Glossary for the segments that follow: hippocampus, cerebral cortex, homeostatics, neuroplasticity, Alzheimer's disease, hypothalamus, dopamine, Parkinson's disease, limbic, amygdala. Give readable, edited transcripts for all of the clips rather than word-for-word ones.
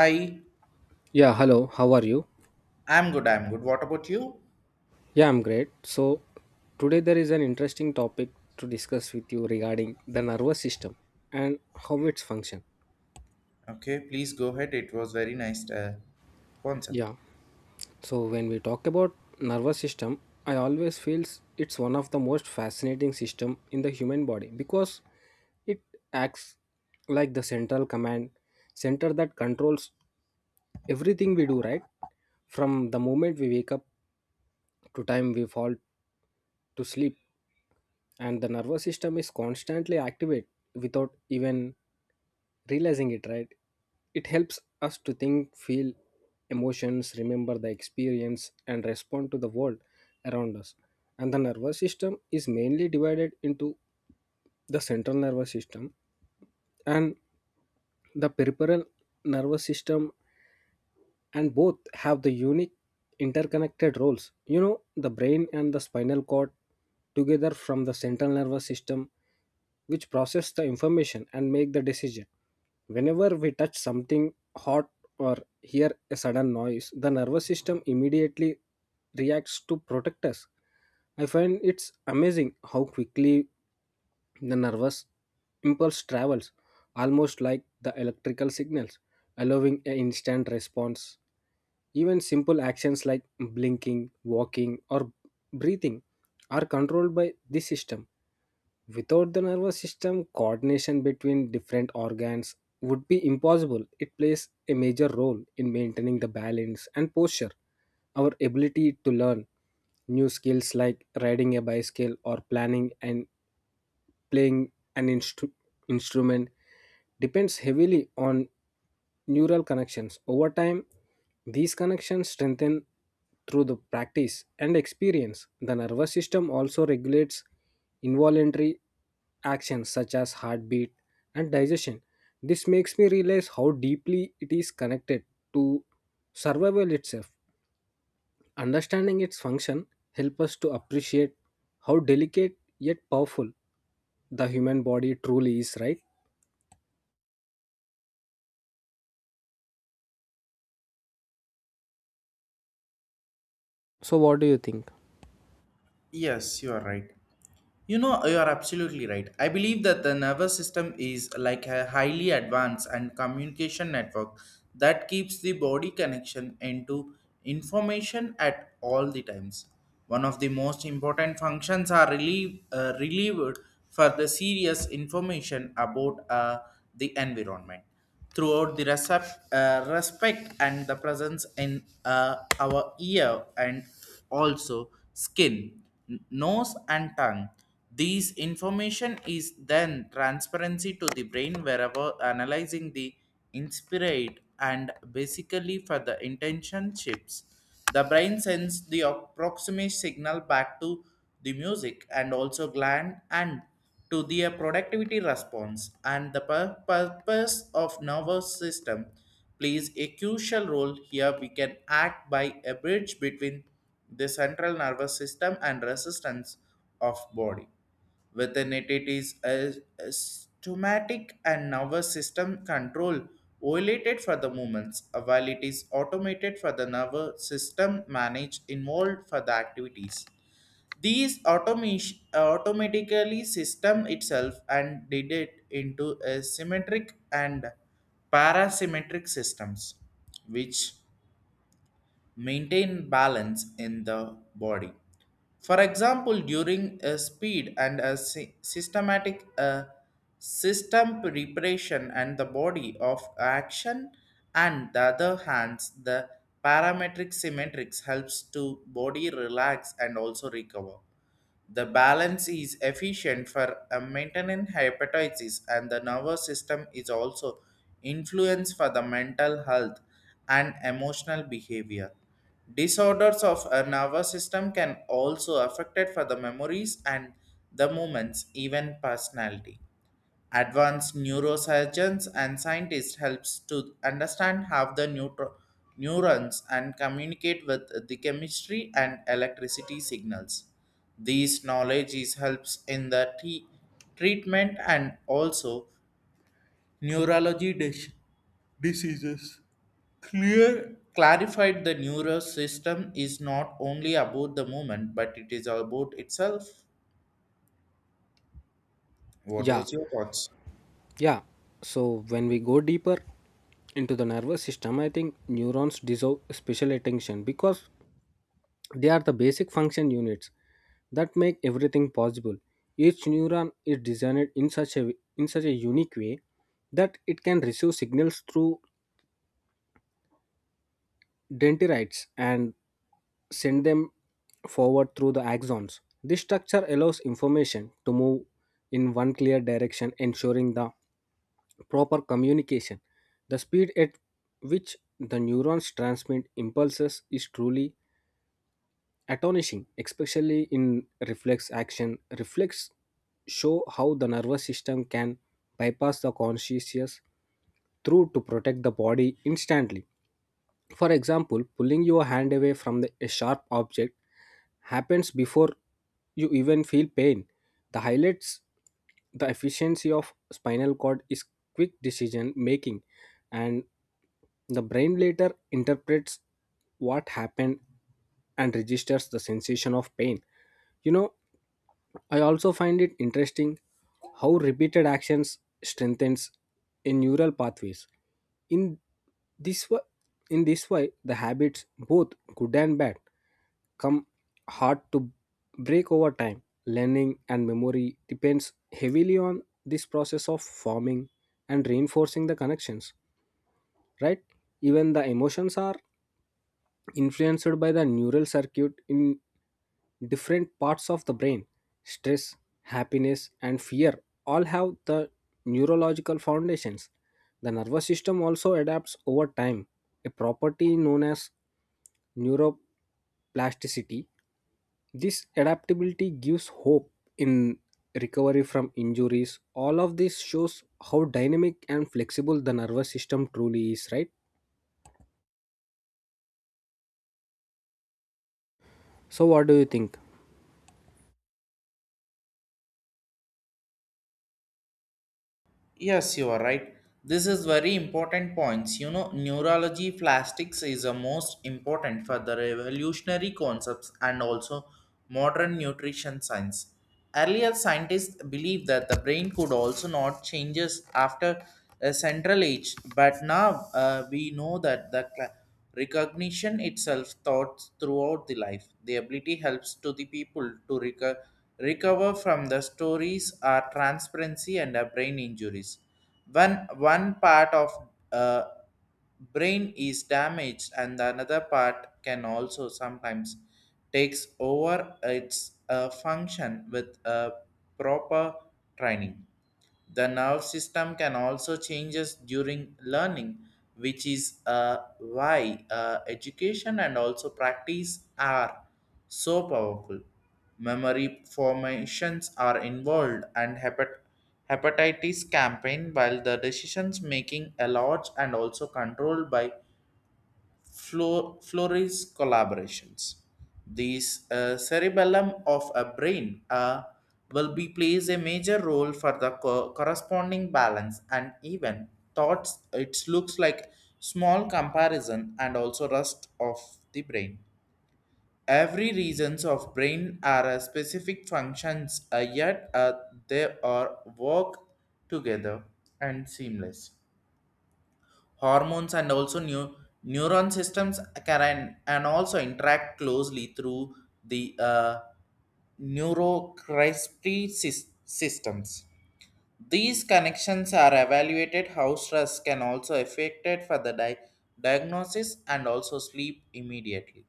Hi, Yeah, hello, how are you? I'm good. I'm good. What about you? Yeah, I'm great. So, today there is an interesting topic to discuss with you regarding the nervous system and how its function. Okay, please go ahead. It was very nice concept. Yeah. So, when we talk about nervous system, I always feels it's one of the most fascinating system in the human body because it acts like the central command center that controls everything we do, right? From the moment we wake up to time we fall to sleep, and the nervous system is constantly activate without even realizing it, right? It helps us to think, feel emotions, remember the experience, and respond to the world around us. And the nervous system is mainly divided into the central nervous system and the peripheral nervous system, and both have the unique interconnected roles. You know, the brain and the spinal cord together from the central nervous system, which process the information and make the decision. Whenever we touch something hot or hear a sudden noise, the nervous system immediately reacts to protect us. I find it's amazing how quickly the nervous impulse travels, almost like the electrical signals allowing an instant response. Even simple actions like blinking, walking, or breathing are controlled by this system. Without the nervous system, coordination between different organs would be impossible. It plays a major role in maintaining the balance and posture. Our ability to learn new skills like riding a bicycle or planning and playing an instrument depends heavily on neural connections. Over time, these connections strengthen through the practice and experience. The nervous system also regulates involuntary actions such as heartbeat and digestion. This makes me realize how deeply it is connected to survival itself. Understanding its function helps us to appreciate how delicate yet powerful the human body truly is, right? So, what do you think? Yes, you are right. You know, you are absolutely right. I believe that the nervous system is like a highly advanced and communication network that keeps the body connection into information at all the times. One of the most important functions are relieve, relieved for the serious information about the environment throughout the respect and the presence in our ear and also skin, nose and tongue. These information is then transparency to the brain wherever analyzing the inspirate and basically for the intention chips. The brain sends the approximate signal back to the music and also gland and to their productivity response and the purpose of nervous system plays a crucial role here we can act by a bridge between the central nervous system and resistance of body within it it is a stomatic and nervous system control violated for the movements while it is automated for the nervous system managed involved for the activities these automation automatically system itself and did it into a symmetric and parasymmetric systems, which maintain balance in the body. For example, during a speed and a systematic system preparation and the body of action and the other hands, the parametric symmetrics helps to body relax and also recover. The balance is efficient for a maintaining hepatitis, and the nervous system is also influenced for the mental health and emotional behavior. Disorders of a nervous system can also affect for the memories and the movements, even personality. Advanced neurosurgeons and scientists helps to understand how the neurons and communicate with the chemistry and electricity signals. These knowledge is helps in the treatment and also neurology diseases. Clear clarified the neural system is not only about the movement but it is about itself. What Yeah, was your thoughts? yeah. So when we go deeper into the nervous system, I think neurons deserve special attention because they are the basic function units that make everything possible. Each neuron is designed in such a unique way that it can receive signals through dendrites and send them forward through the axons. This structure allows information to move in one clear direction, ensuring the proper communication. The speed at which the neurons transmit impulses is truly astonishing, especially in reflex action. Reflex show how the nervous system can bypass the consciousness through to protect the body instantly. For example, pulling your hand away from a sharp object happens before you even feel pain. The highlights the efficiency of spinal cord is quick decision making, and the brain later interprets what happened and registers the sensation of pain. You know, I also find it interesting how repeated actions strengthens in neural pathways. In this way, in this way, the habits, both good and bad, come hard to break over time. Learning and memory depends heavily on this process of forming and reinforcing the connections. Right? Even the emotions are influenced by the neural circuit in different parts of the brain. Stress, happiness, and fear all have the neurological foundations. The nervous system also adapts over time, a property known as neuroplasticity. This adaptability gives hope in recovery from injuries. All of this shows how dynamic and flexible the nervous system truly is, right? So what do you think? Yes, you are right. This is very important points. You know, neurology plastics is the most important for the revolutionary concepts and also modern nutrition science. Earlier scientists believed that the brain could also not changes after a central age, but now we know that the cla Recognition itself thoughts throughout the life. The ability helps to the people to recover from the stories are transparency and brain injuries. When one part of uh, brain is damaged and the another part can also sometimes takes over its function with a proper training the nerve system can also changes during learning, which is why education and also practice are so powerful. Memory formations are involved and hepatitis campaign while the decisions making a large and also controlled by Flores collaborations. These cerebellum of a brain will be plays a major role for the corresponding balance and even thoughts. It looks like small comparison and also rest of the brain. Every regions of brain are a specific functions, yet they are work together and seamless hormones and also new neuron systems can and also interact closely through the neurocrispy systems these connections are evaluated how stress can also affect it for the diagnosis and also sleep immediately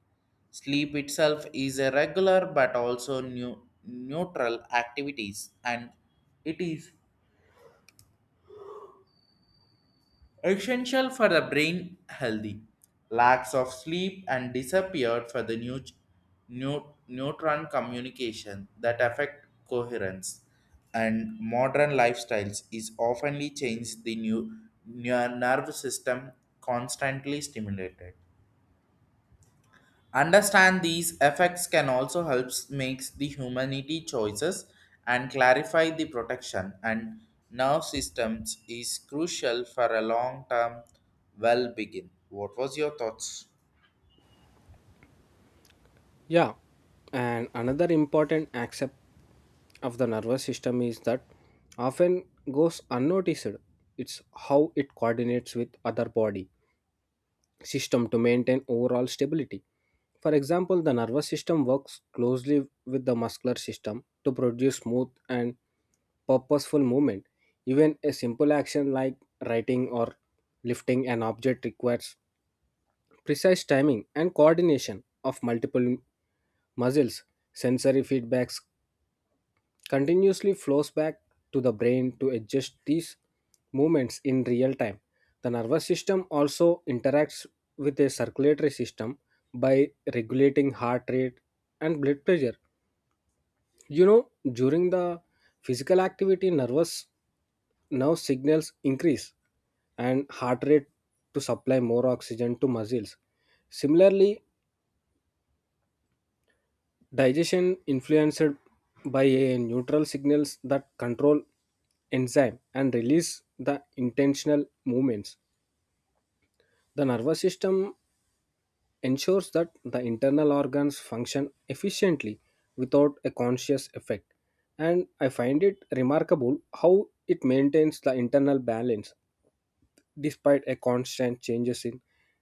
Sleep itself is a regular but also neutral activities and it is essential for the brain healthy. Lacks of sleep and disappeared for the neutron communication that affect coherence. And modern lifestyles is oftenly changed the new nerve system constantly stimulated. Understand these effects can also help make the humanity choices and clarify the protection and nerve systems is crucial for a long-term well-being. What was your thoughts? Yeah, and another important aspect of the nervous system is that often goes unnoticed. It's how it coordinates with other body system to maintain overall stability. For example, the nervous system works closely with the muscular system to produce smooth and purposeful movement. Even a simple action like writing or lifting an object requires precise timing and coordination of multiple muscles. Sensory feedbacks continuously flows back to the brain to adjust these movements in real time. The nervous system also interacts with a circulatory system by regulating heart rate and blood pressure. You know, during the physical activity, nervous nerve signals increase and heart rate to supply more oxygen to muscles. Similarly, digestion influenced by a neutral signals that control enzyme and release the intentional movements. The nervous system ensures that the internal organs function efficiently without a conscious effect. And I find it remarkable how it maintains the internal balance despite a constant changes in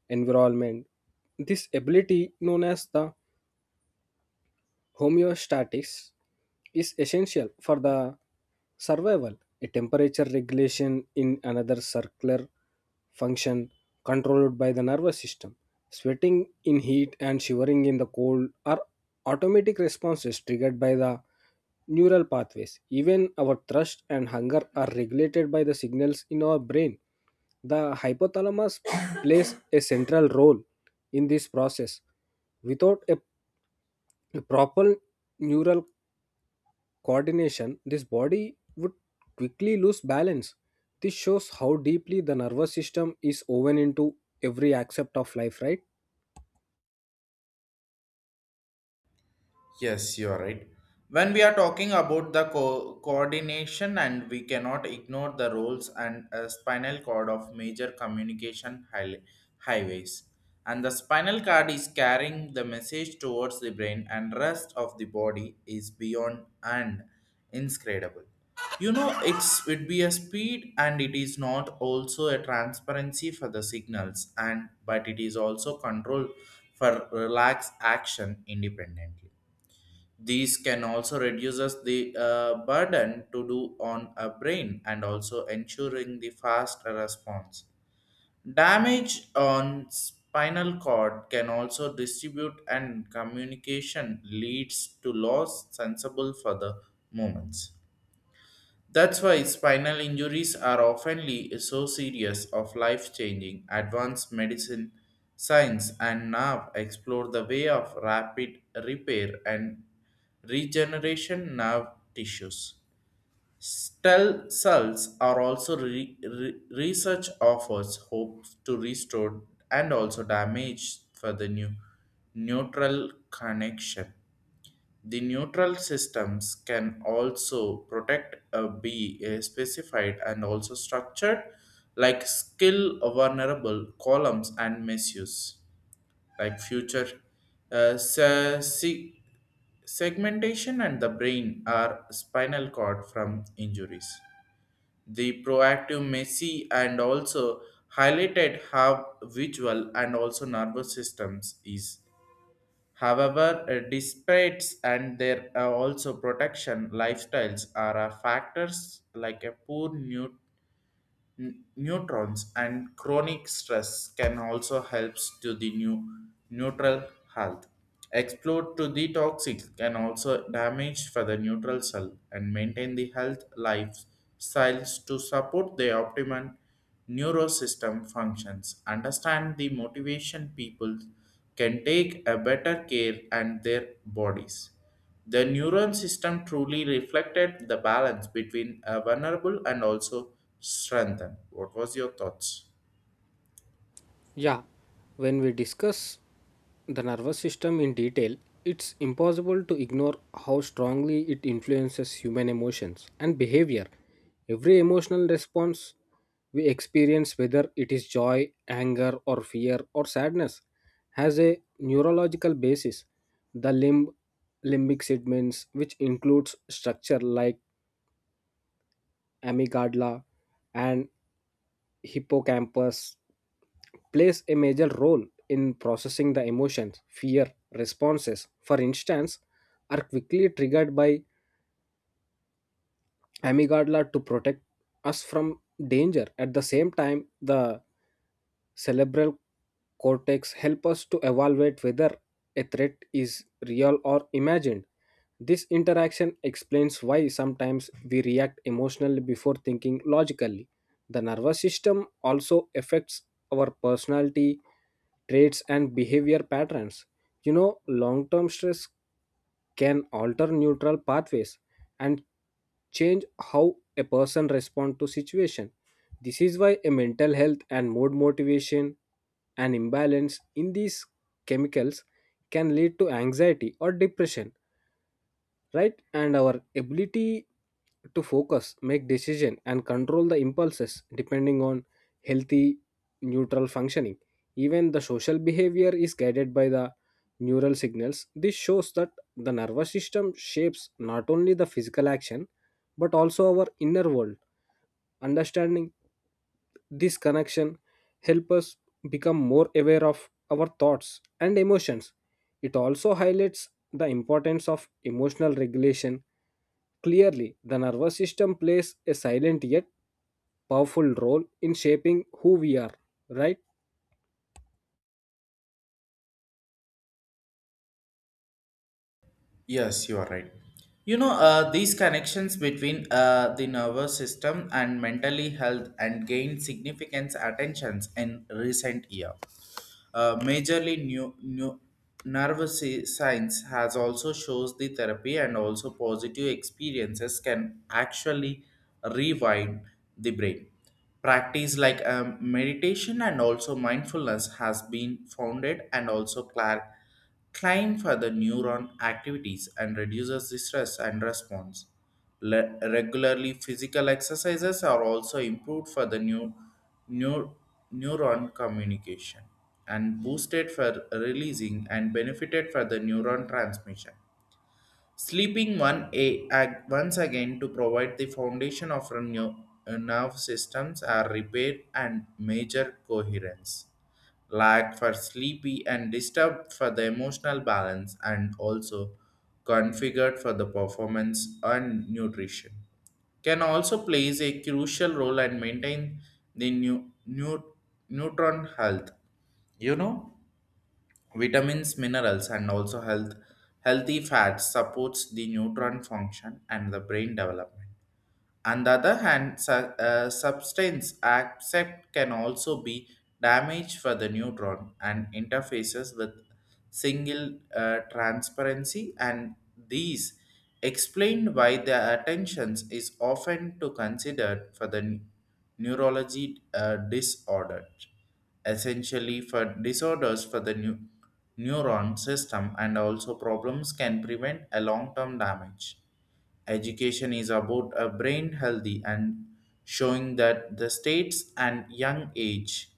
environment. This ability known as the homeostatics is essential for the survival. A temperature regulation in another circular function controlled by the nervous system. Sweating in heat and shivering in the cold are automatic responses triggered by the neural pathways. Even our thirst and hunger are regulated by the signals in our brain. The hypothalamus plays a central role in this process. Without a proper neural coordination, this body would quickly lose balance. This shows how deeply the nervous system is woven into every aspect of life, right? Yes, you are right. When we are talking about the coordination, and we cannot ignore the roles and spinal cord of major communication highways. And the spinal cord is carrying the message towards the brain, and rest of the body is beyond and inscrutable. You know, it's would be a speed, and it is not also a transparency for the signals, and but it is also control for relaxed action independently these can also reduce us the burden to do on a brain and also ensuring the fast response. Damage on spinal cord can also distribute and communication leads to loss sensible for the moments. That's why spinal injuries are oftenly so serious of life-changing. Advanced medicine, science, and now explore the way of rapid repair and regeneration nerve tissues. Stem cells are also research offers hope to restore and also damage for the new neutral connection. The neutral systems can also protect a be a specified and also structured like skill vulnerable columns and misuse like future uh, se- se- segmentation and the brain are spinal cord from injuries. The proactive Messi and also highlighted how visual and also nervous systems is however, disputes and their also protection lifestyles are factors like a poor neutrons and chronic stress can also help to the new neutral health. Explode to the toxic can also damage for the neutral cell and maintain the health lifestyles to support the optimum neurosystem functions. Understand the motivation people can take a better care and their bodies. The neuron system truly reflected the balance between a vulnerable and also strengthened. What was your thoughts? Yeah, when we discuss the nervous system in detail, it's impossible to ignore how strongly it influences human emotions and behavior. Every emotional response we experience, whether it is joy, anger, or fear, or sadness, has a neurological basis. The limbic segments, which includes structure like amygdala and hippocampus, plays a major role in processing the emotions. Fear responses, for instance, are quickly triggered by amygdala to protect us from danger. At the same time, the cerebral cortex help us to evaluate whether a threat is real or imagined. This interaction explains why sometimes we react emotionally before thinking logically. The nervous system also affects our personality, traits, and behavior patterns. You know, long term stress can alter neural pathways and change how a person responds to situation. This is why a mental health and mood motivation and imbalance in these chemicals can lead to anxiety or depression, right? And our ability to focus, make decision, and control the impulses depending on healthy neutral functioning. Even the social behavior is guided by the neural signals. This shows that the nervous system shapes not only the physical action but also our inner world. Understanding this connection helps us become more aware of our thoughts and emotions. It also highlights the importance of emotional regulation. Clearly, the nervous system plays a silent yet powerful role in shaping who we are, right? Yes, you are right. You know, these connections between the nervous system and mentally health and gained significant attentions in recent year. Majorly new nervous science has also shows the therapy and also positive experiences can actually rewind the brain. Practice like meditation and also mindfulness has been founded and also clar- Climb for the neuron activities and reduces the stress and response. Regularly physical exercises are also improved for the new neuron communication and boosted for releasing and benefited for the neuron transmission. Sleeping one once again to provide the foundation of our nerve systems are repair and major coherence. Lack for sleepy and disturbed for the emotional balance and also configured for the performance and nutrition can also plays a crucial role and maintain the new neutron health. You know, vitamins minerals and also healthy fats supports the neutron function and the brain development on the other hand, substance accept can also be damaged for the neutron and interfaces with single transparency, and these explain why the attentions is often to considered for the neurology disorder, essentially for disorders for the new neuron system, and also problems can prevent a long-term damage. Education is about a brain healthy and showing that the states and young age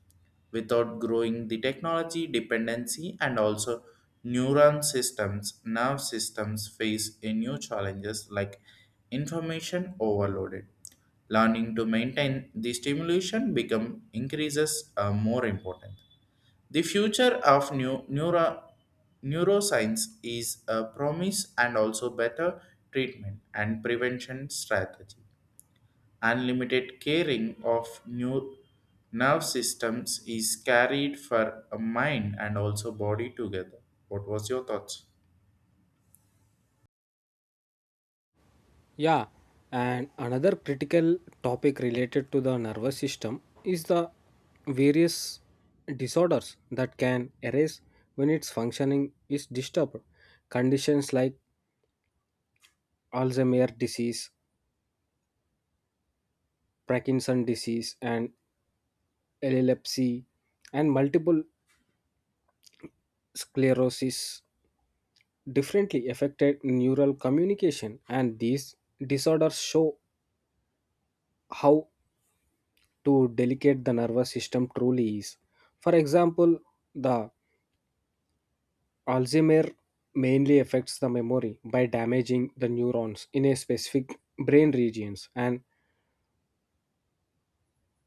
without growing the technology dependency and also neuron systems, nerve systems face a new challenges like information overloaded. Learning to maintain the stimulation become increases more important the future of neuroscience is a promise and also better treatment and prevention strategy. Unlimited caring of new nerve systems is carried for a mind and also body together. What was your thoughts? Yeah, and another critical topic related to the nervous system is the various disorders that can arise when its functioning is disturbed. Conditions like Alzheimer's disease, Parkinson's disease, and epilepsy, and multiple sclerosis differently affected neural communication. And these disorders show how to delicate the nervous system truly is. For example, the Alzheimer mainly affects the memory by damaging the neurons in a specific brain regions, and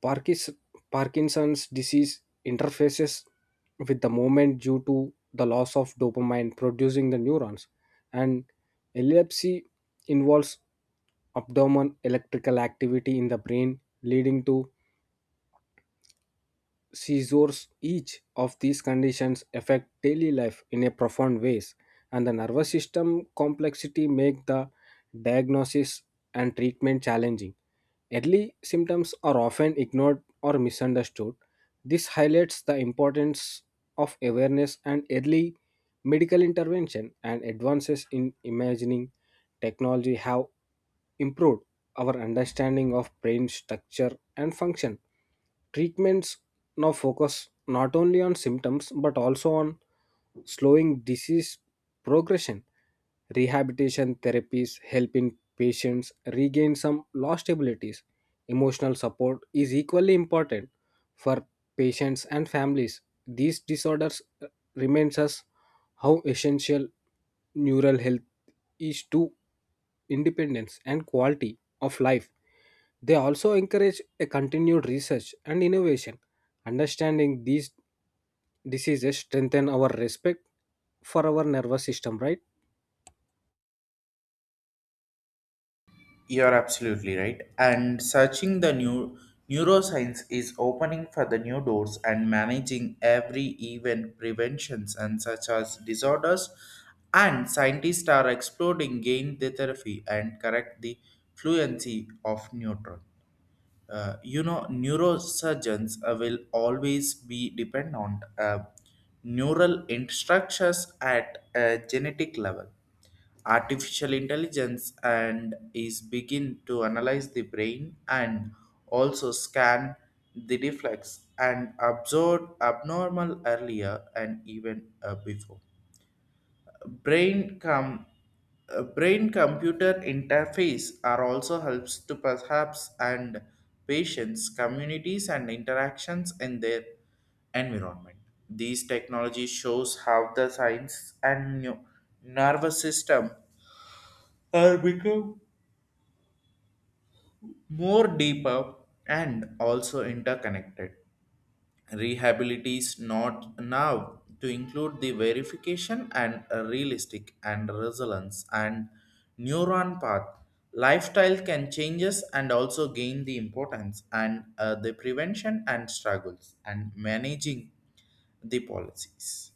Parkis- Parkinson's disease interfaces with the movement due to the loss of dopamine producing the neurons, and epilepsy involves abdomen electrical activity in the brain, leading to seizures. Each of these conditions affect daily life in a profound ways, and the nervous system complexity make the diagnosis and treatment challenging. Early symptoms are often ignored or misunderstood. This highlights the importance of awareness and early medical intervention, and advances in imaging technology have improved our understanding of brain structure and function. Treatments now focus not only on symptoms but also on slowing disease progression. Rehabilitation therapies help in patients regain some lost abilities. Emotional support is equally important for patients and families. These disorders reminds us how essential neural health is to independence and quality of life. They also encourage a continued research and innovation. Understanding these diseases strengthen our respect for our nervous system, right? You're absolutely right. And searching the new neuroscience is opening for the new doors and managing every event preventions and such as disorders. And scientists are exploring gain the therapy and correct the fluency of neutron. You know, neurosurgeons will always be dependent on neural instructions at a genetic level. Artificial intelligence and is begin to analyze the brain and also scan the reflex and observe abnormal earlier and even before brain com- brain computer interface are also helps to perhaps and patients communities and interactions in their environment these technologies shows how the science and nervous system are become more deeper and also interconnected rehabilitates not now to include the verification and realistic and resilience and neuron path lifestyle can changes and also gain the importance and the prevention and struggles and managing the policies.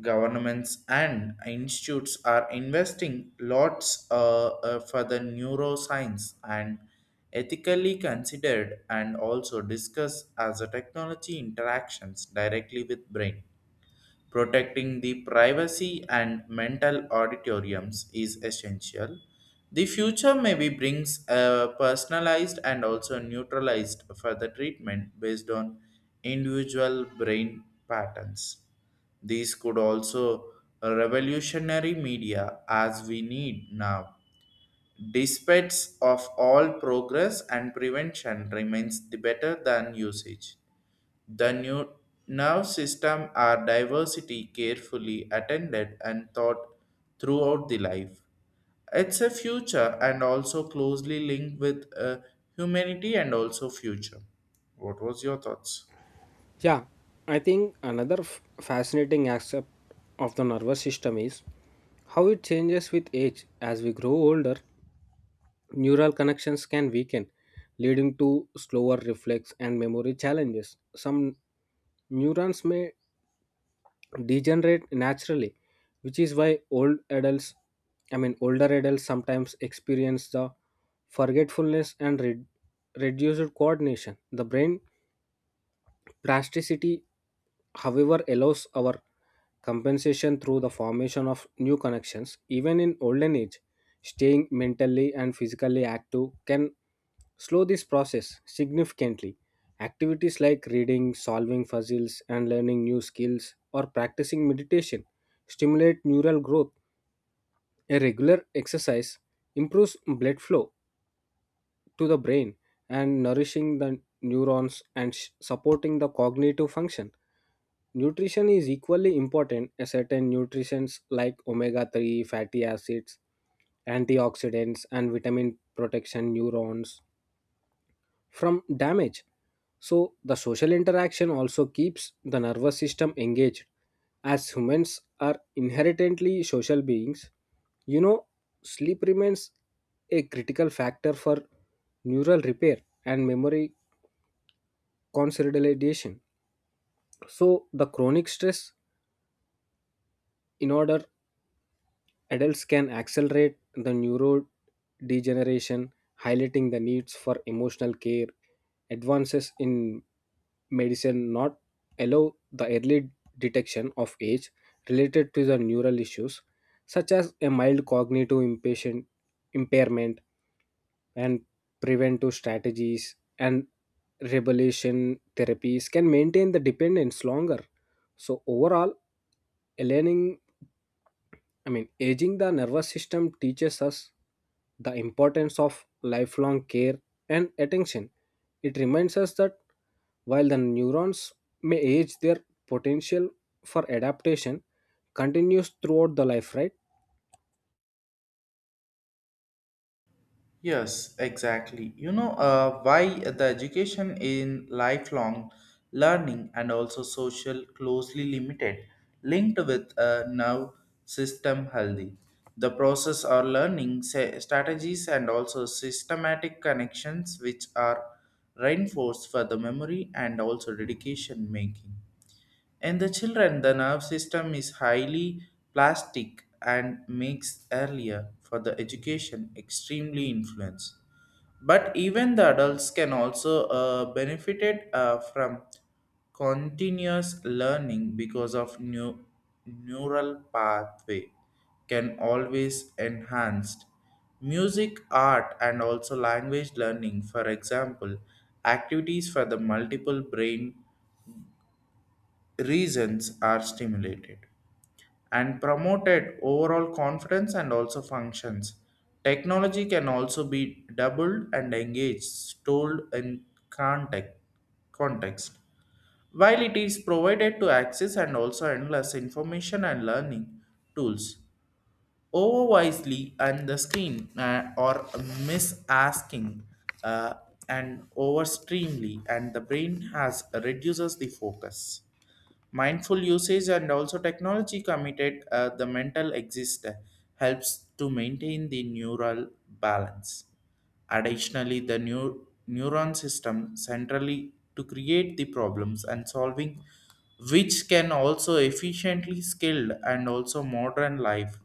Governments and institutes are investing lots for the neuroscience and ethically considered and also discuss as a technology interactions directly with brain. Protecting the privacy and mental auditoriums is essential. The future maybe brings a personalized and also neutralized further treatment based on individual brain patterns. These could also revolutionary media as we need now. Despite of all progress and prevention remains the better than usage. The new nerve system are diversity carefully attended and thought throughout the life. It's a future and also closely linked with humanity and also future. What was your thoughts? Yeah, I think another fascinating aspect of the nervous system is how it changes with age. As we grow older, neural connections can weaken, leading to slower reflex and memory challenges. Some neurons may degenerate naturally, which is why older adults sometimes experience the forgetfulness and reduced coordination. The brain plasticity, however, allows our compensation through the formation of new connections. Even in olden age, staying mentally and physically active can slow this process significantly. Activities like reading, solving puzzles, and learning new skills or practicing meditation stimulate neural growth. A regular exercise improves blood flow to the brain and nourishing the neurons and supporting the cognitive function. Nutrition is equally important. A certain nutrients like omega 3 fatty acids, antioxidants, and vitamin protection neurons from damage. So, the social interaction also keeps the nervous system engaged. As humans are inherently social beings, you know, sleep remains a critical factor for neural repair and memory consolidation. So, the chronic stress, in order adults can accelerate the neurodegeneration, highlighting the needs for emotional care. Advances in medicine not allow the early detection of age related to the neural issues, such as a mild cognitive impairment, and preventive strategies and rebellion therapies can maintain the dependence longer. So overall, aligning aging the nervous system teaches us the importance of lifelong care and attention. It reminds us that while the neurons may age, their potential for adaptation continues throughout the life, right? Yes, exactly. You know why the education in lifelong learning and also social closely linked with a nerve system healthy. The process or learning strategies and also systematic connections which are reinforced for the memory and also dedication making. In the children, the nerve system is highly plastic and makes earlier for the education extremely influence. But even the adults can also benefited from continuous learning because of new neural pathway can always enhanced music art and also language learning for example activities for the multiple brain reasons are stimulated and promoted overall confidence and also functions. Technology can also be doubled and engaged, stored in context. While it is provided to access and also endless information and learning tools, overwisely and the screen or misasking uh, and overstreamly and the brain has reduces the focus. Mindful usage and also technology committed the mental exist helps to maintain the neural balance. Additionally, the neuron system centrally to create the problems and solving, which can also efficiently skilled and also modern life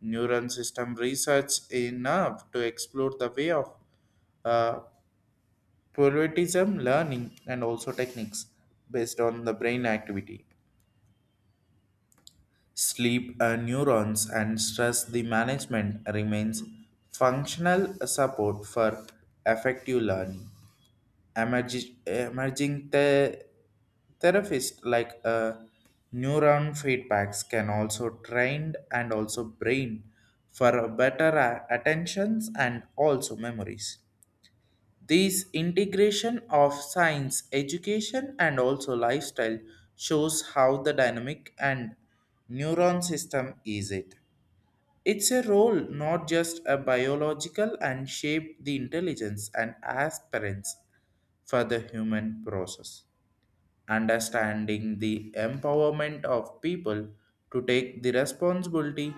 neuron system research enough to explore the way of uh, pluralism learning and also techniques based on the brain activity sleep neurons and stress the management remains functional support for effective learning. Emerging the therapists like neuron feedbacks can also train and also brain for better attentions and also memories this integration of science, education, and also lifestyle shows how the dynamic and neuron system is it. It's a role not just a biological and shape the intelligence and aspirants for the human process understanding the empowerment of people to take the responsibility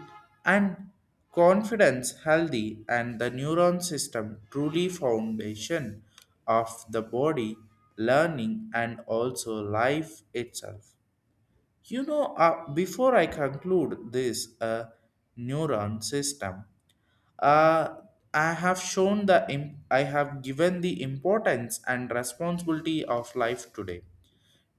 and confidence healthy and the neuron system truly foundation of the body learning and also life itself. You know before I conclude this neuron system uh, I have shown the I have given the importance and responsibility of life today.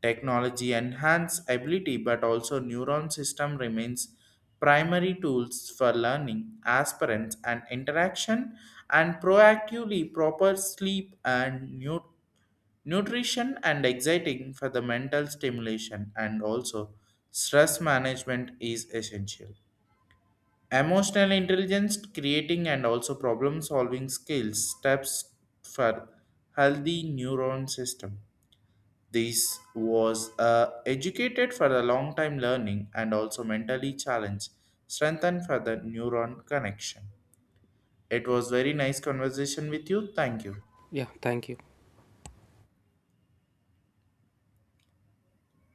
Technology enhance ability, but also neuron system remains primary tools for learning, aspirants, and interaction, and proactively proper sleep and nutrition and exciting for the mental stimulation, and also stress management is essential. Emotional intelligence, creating and also problem solving skills, steps for healthy neuron system. This was educated for the long time learning and also mentally challenged, strengthened for the neuron connection. It was very nice conversation with you. Thank you. Yeah, thank you.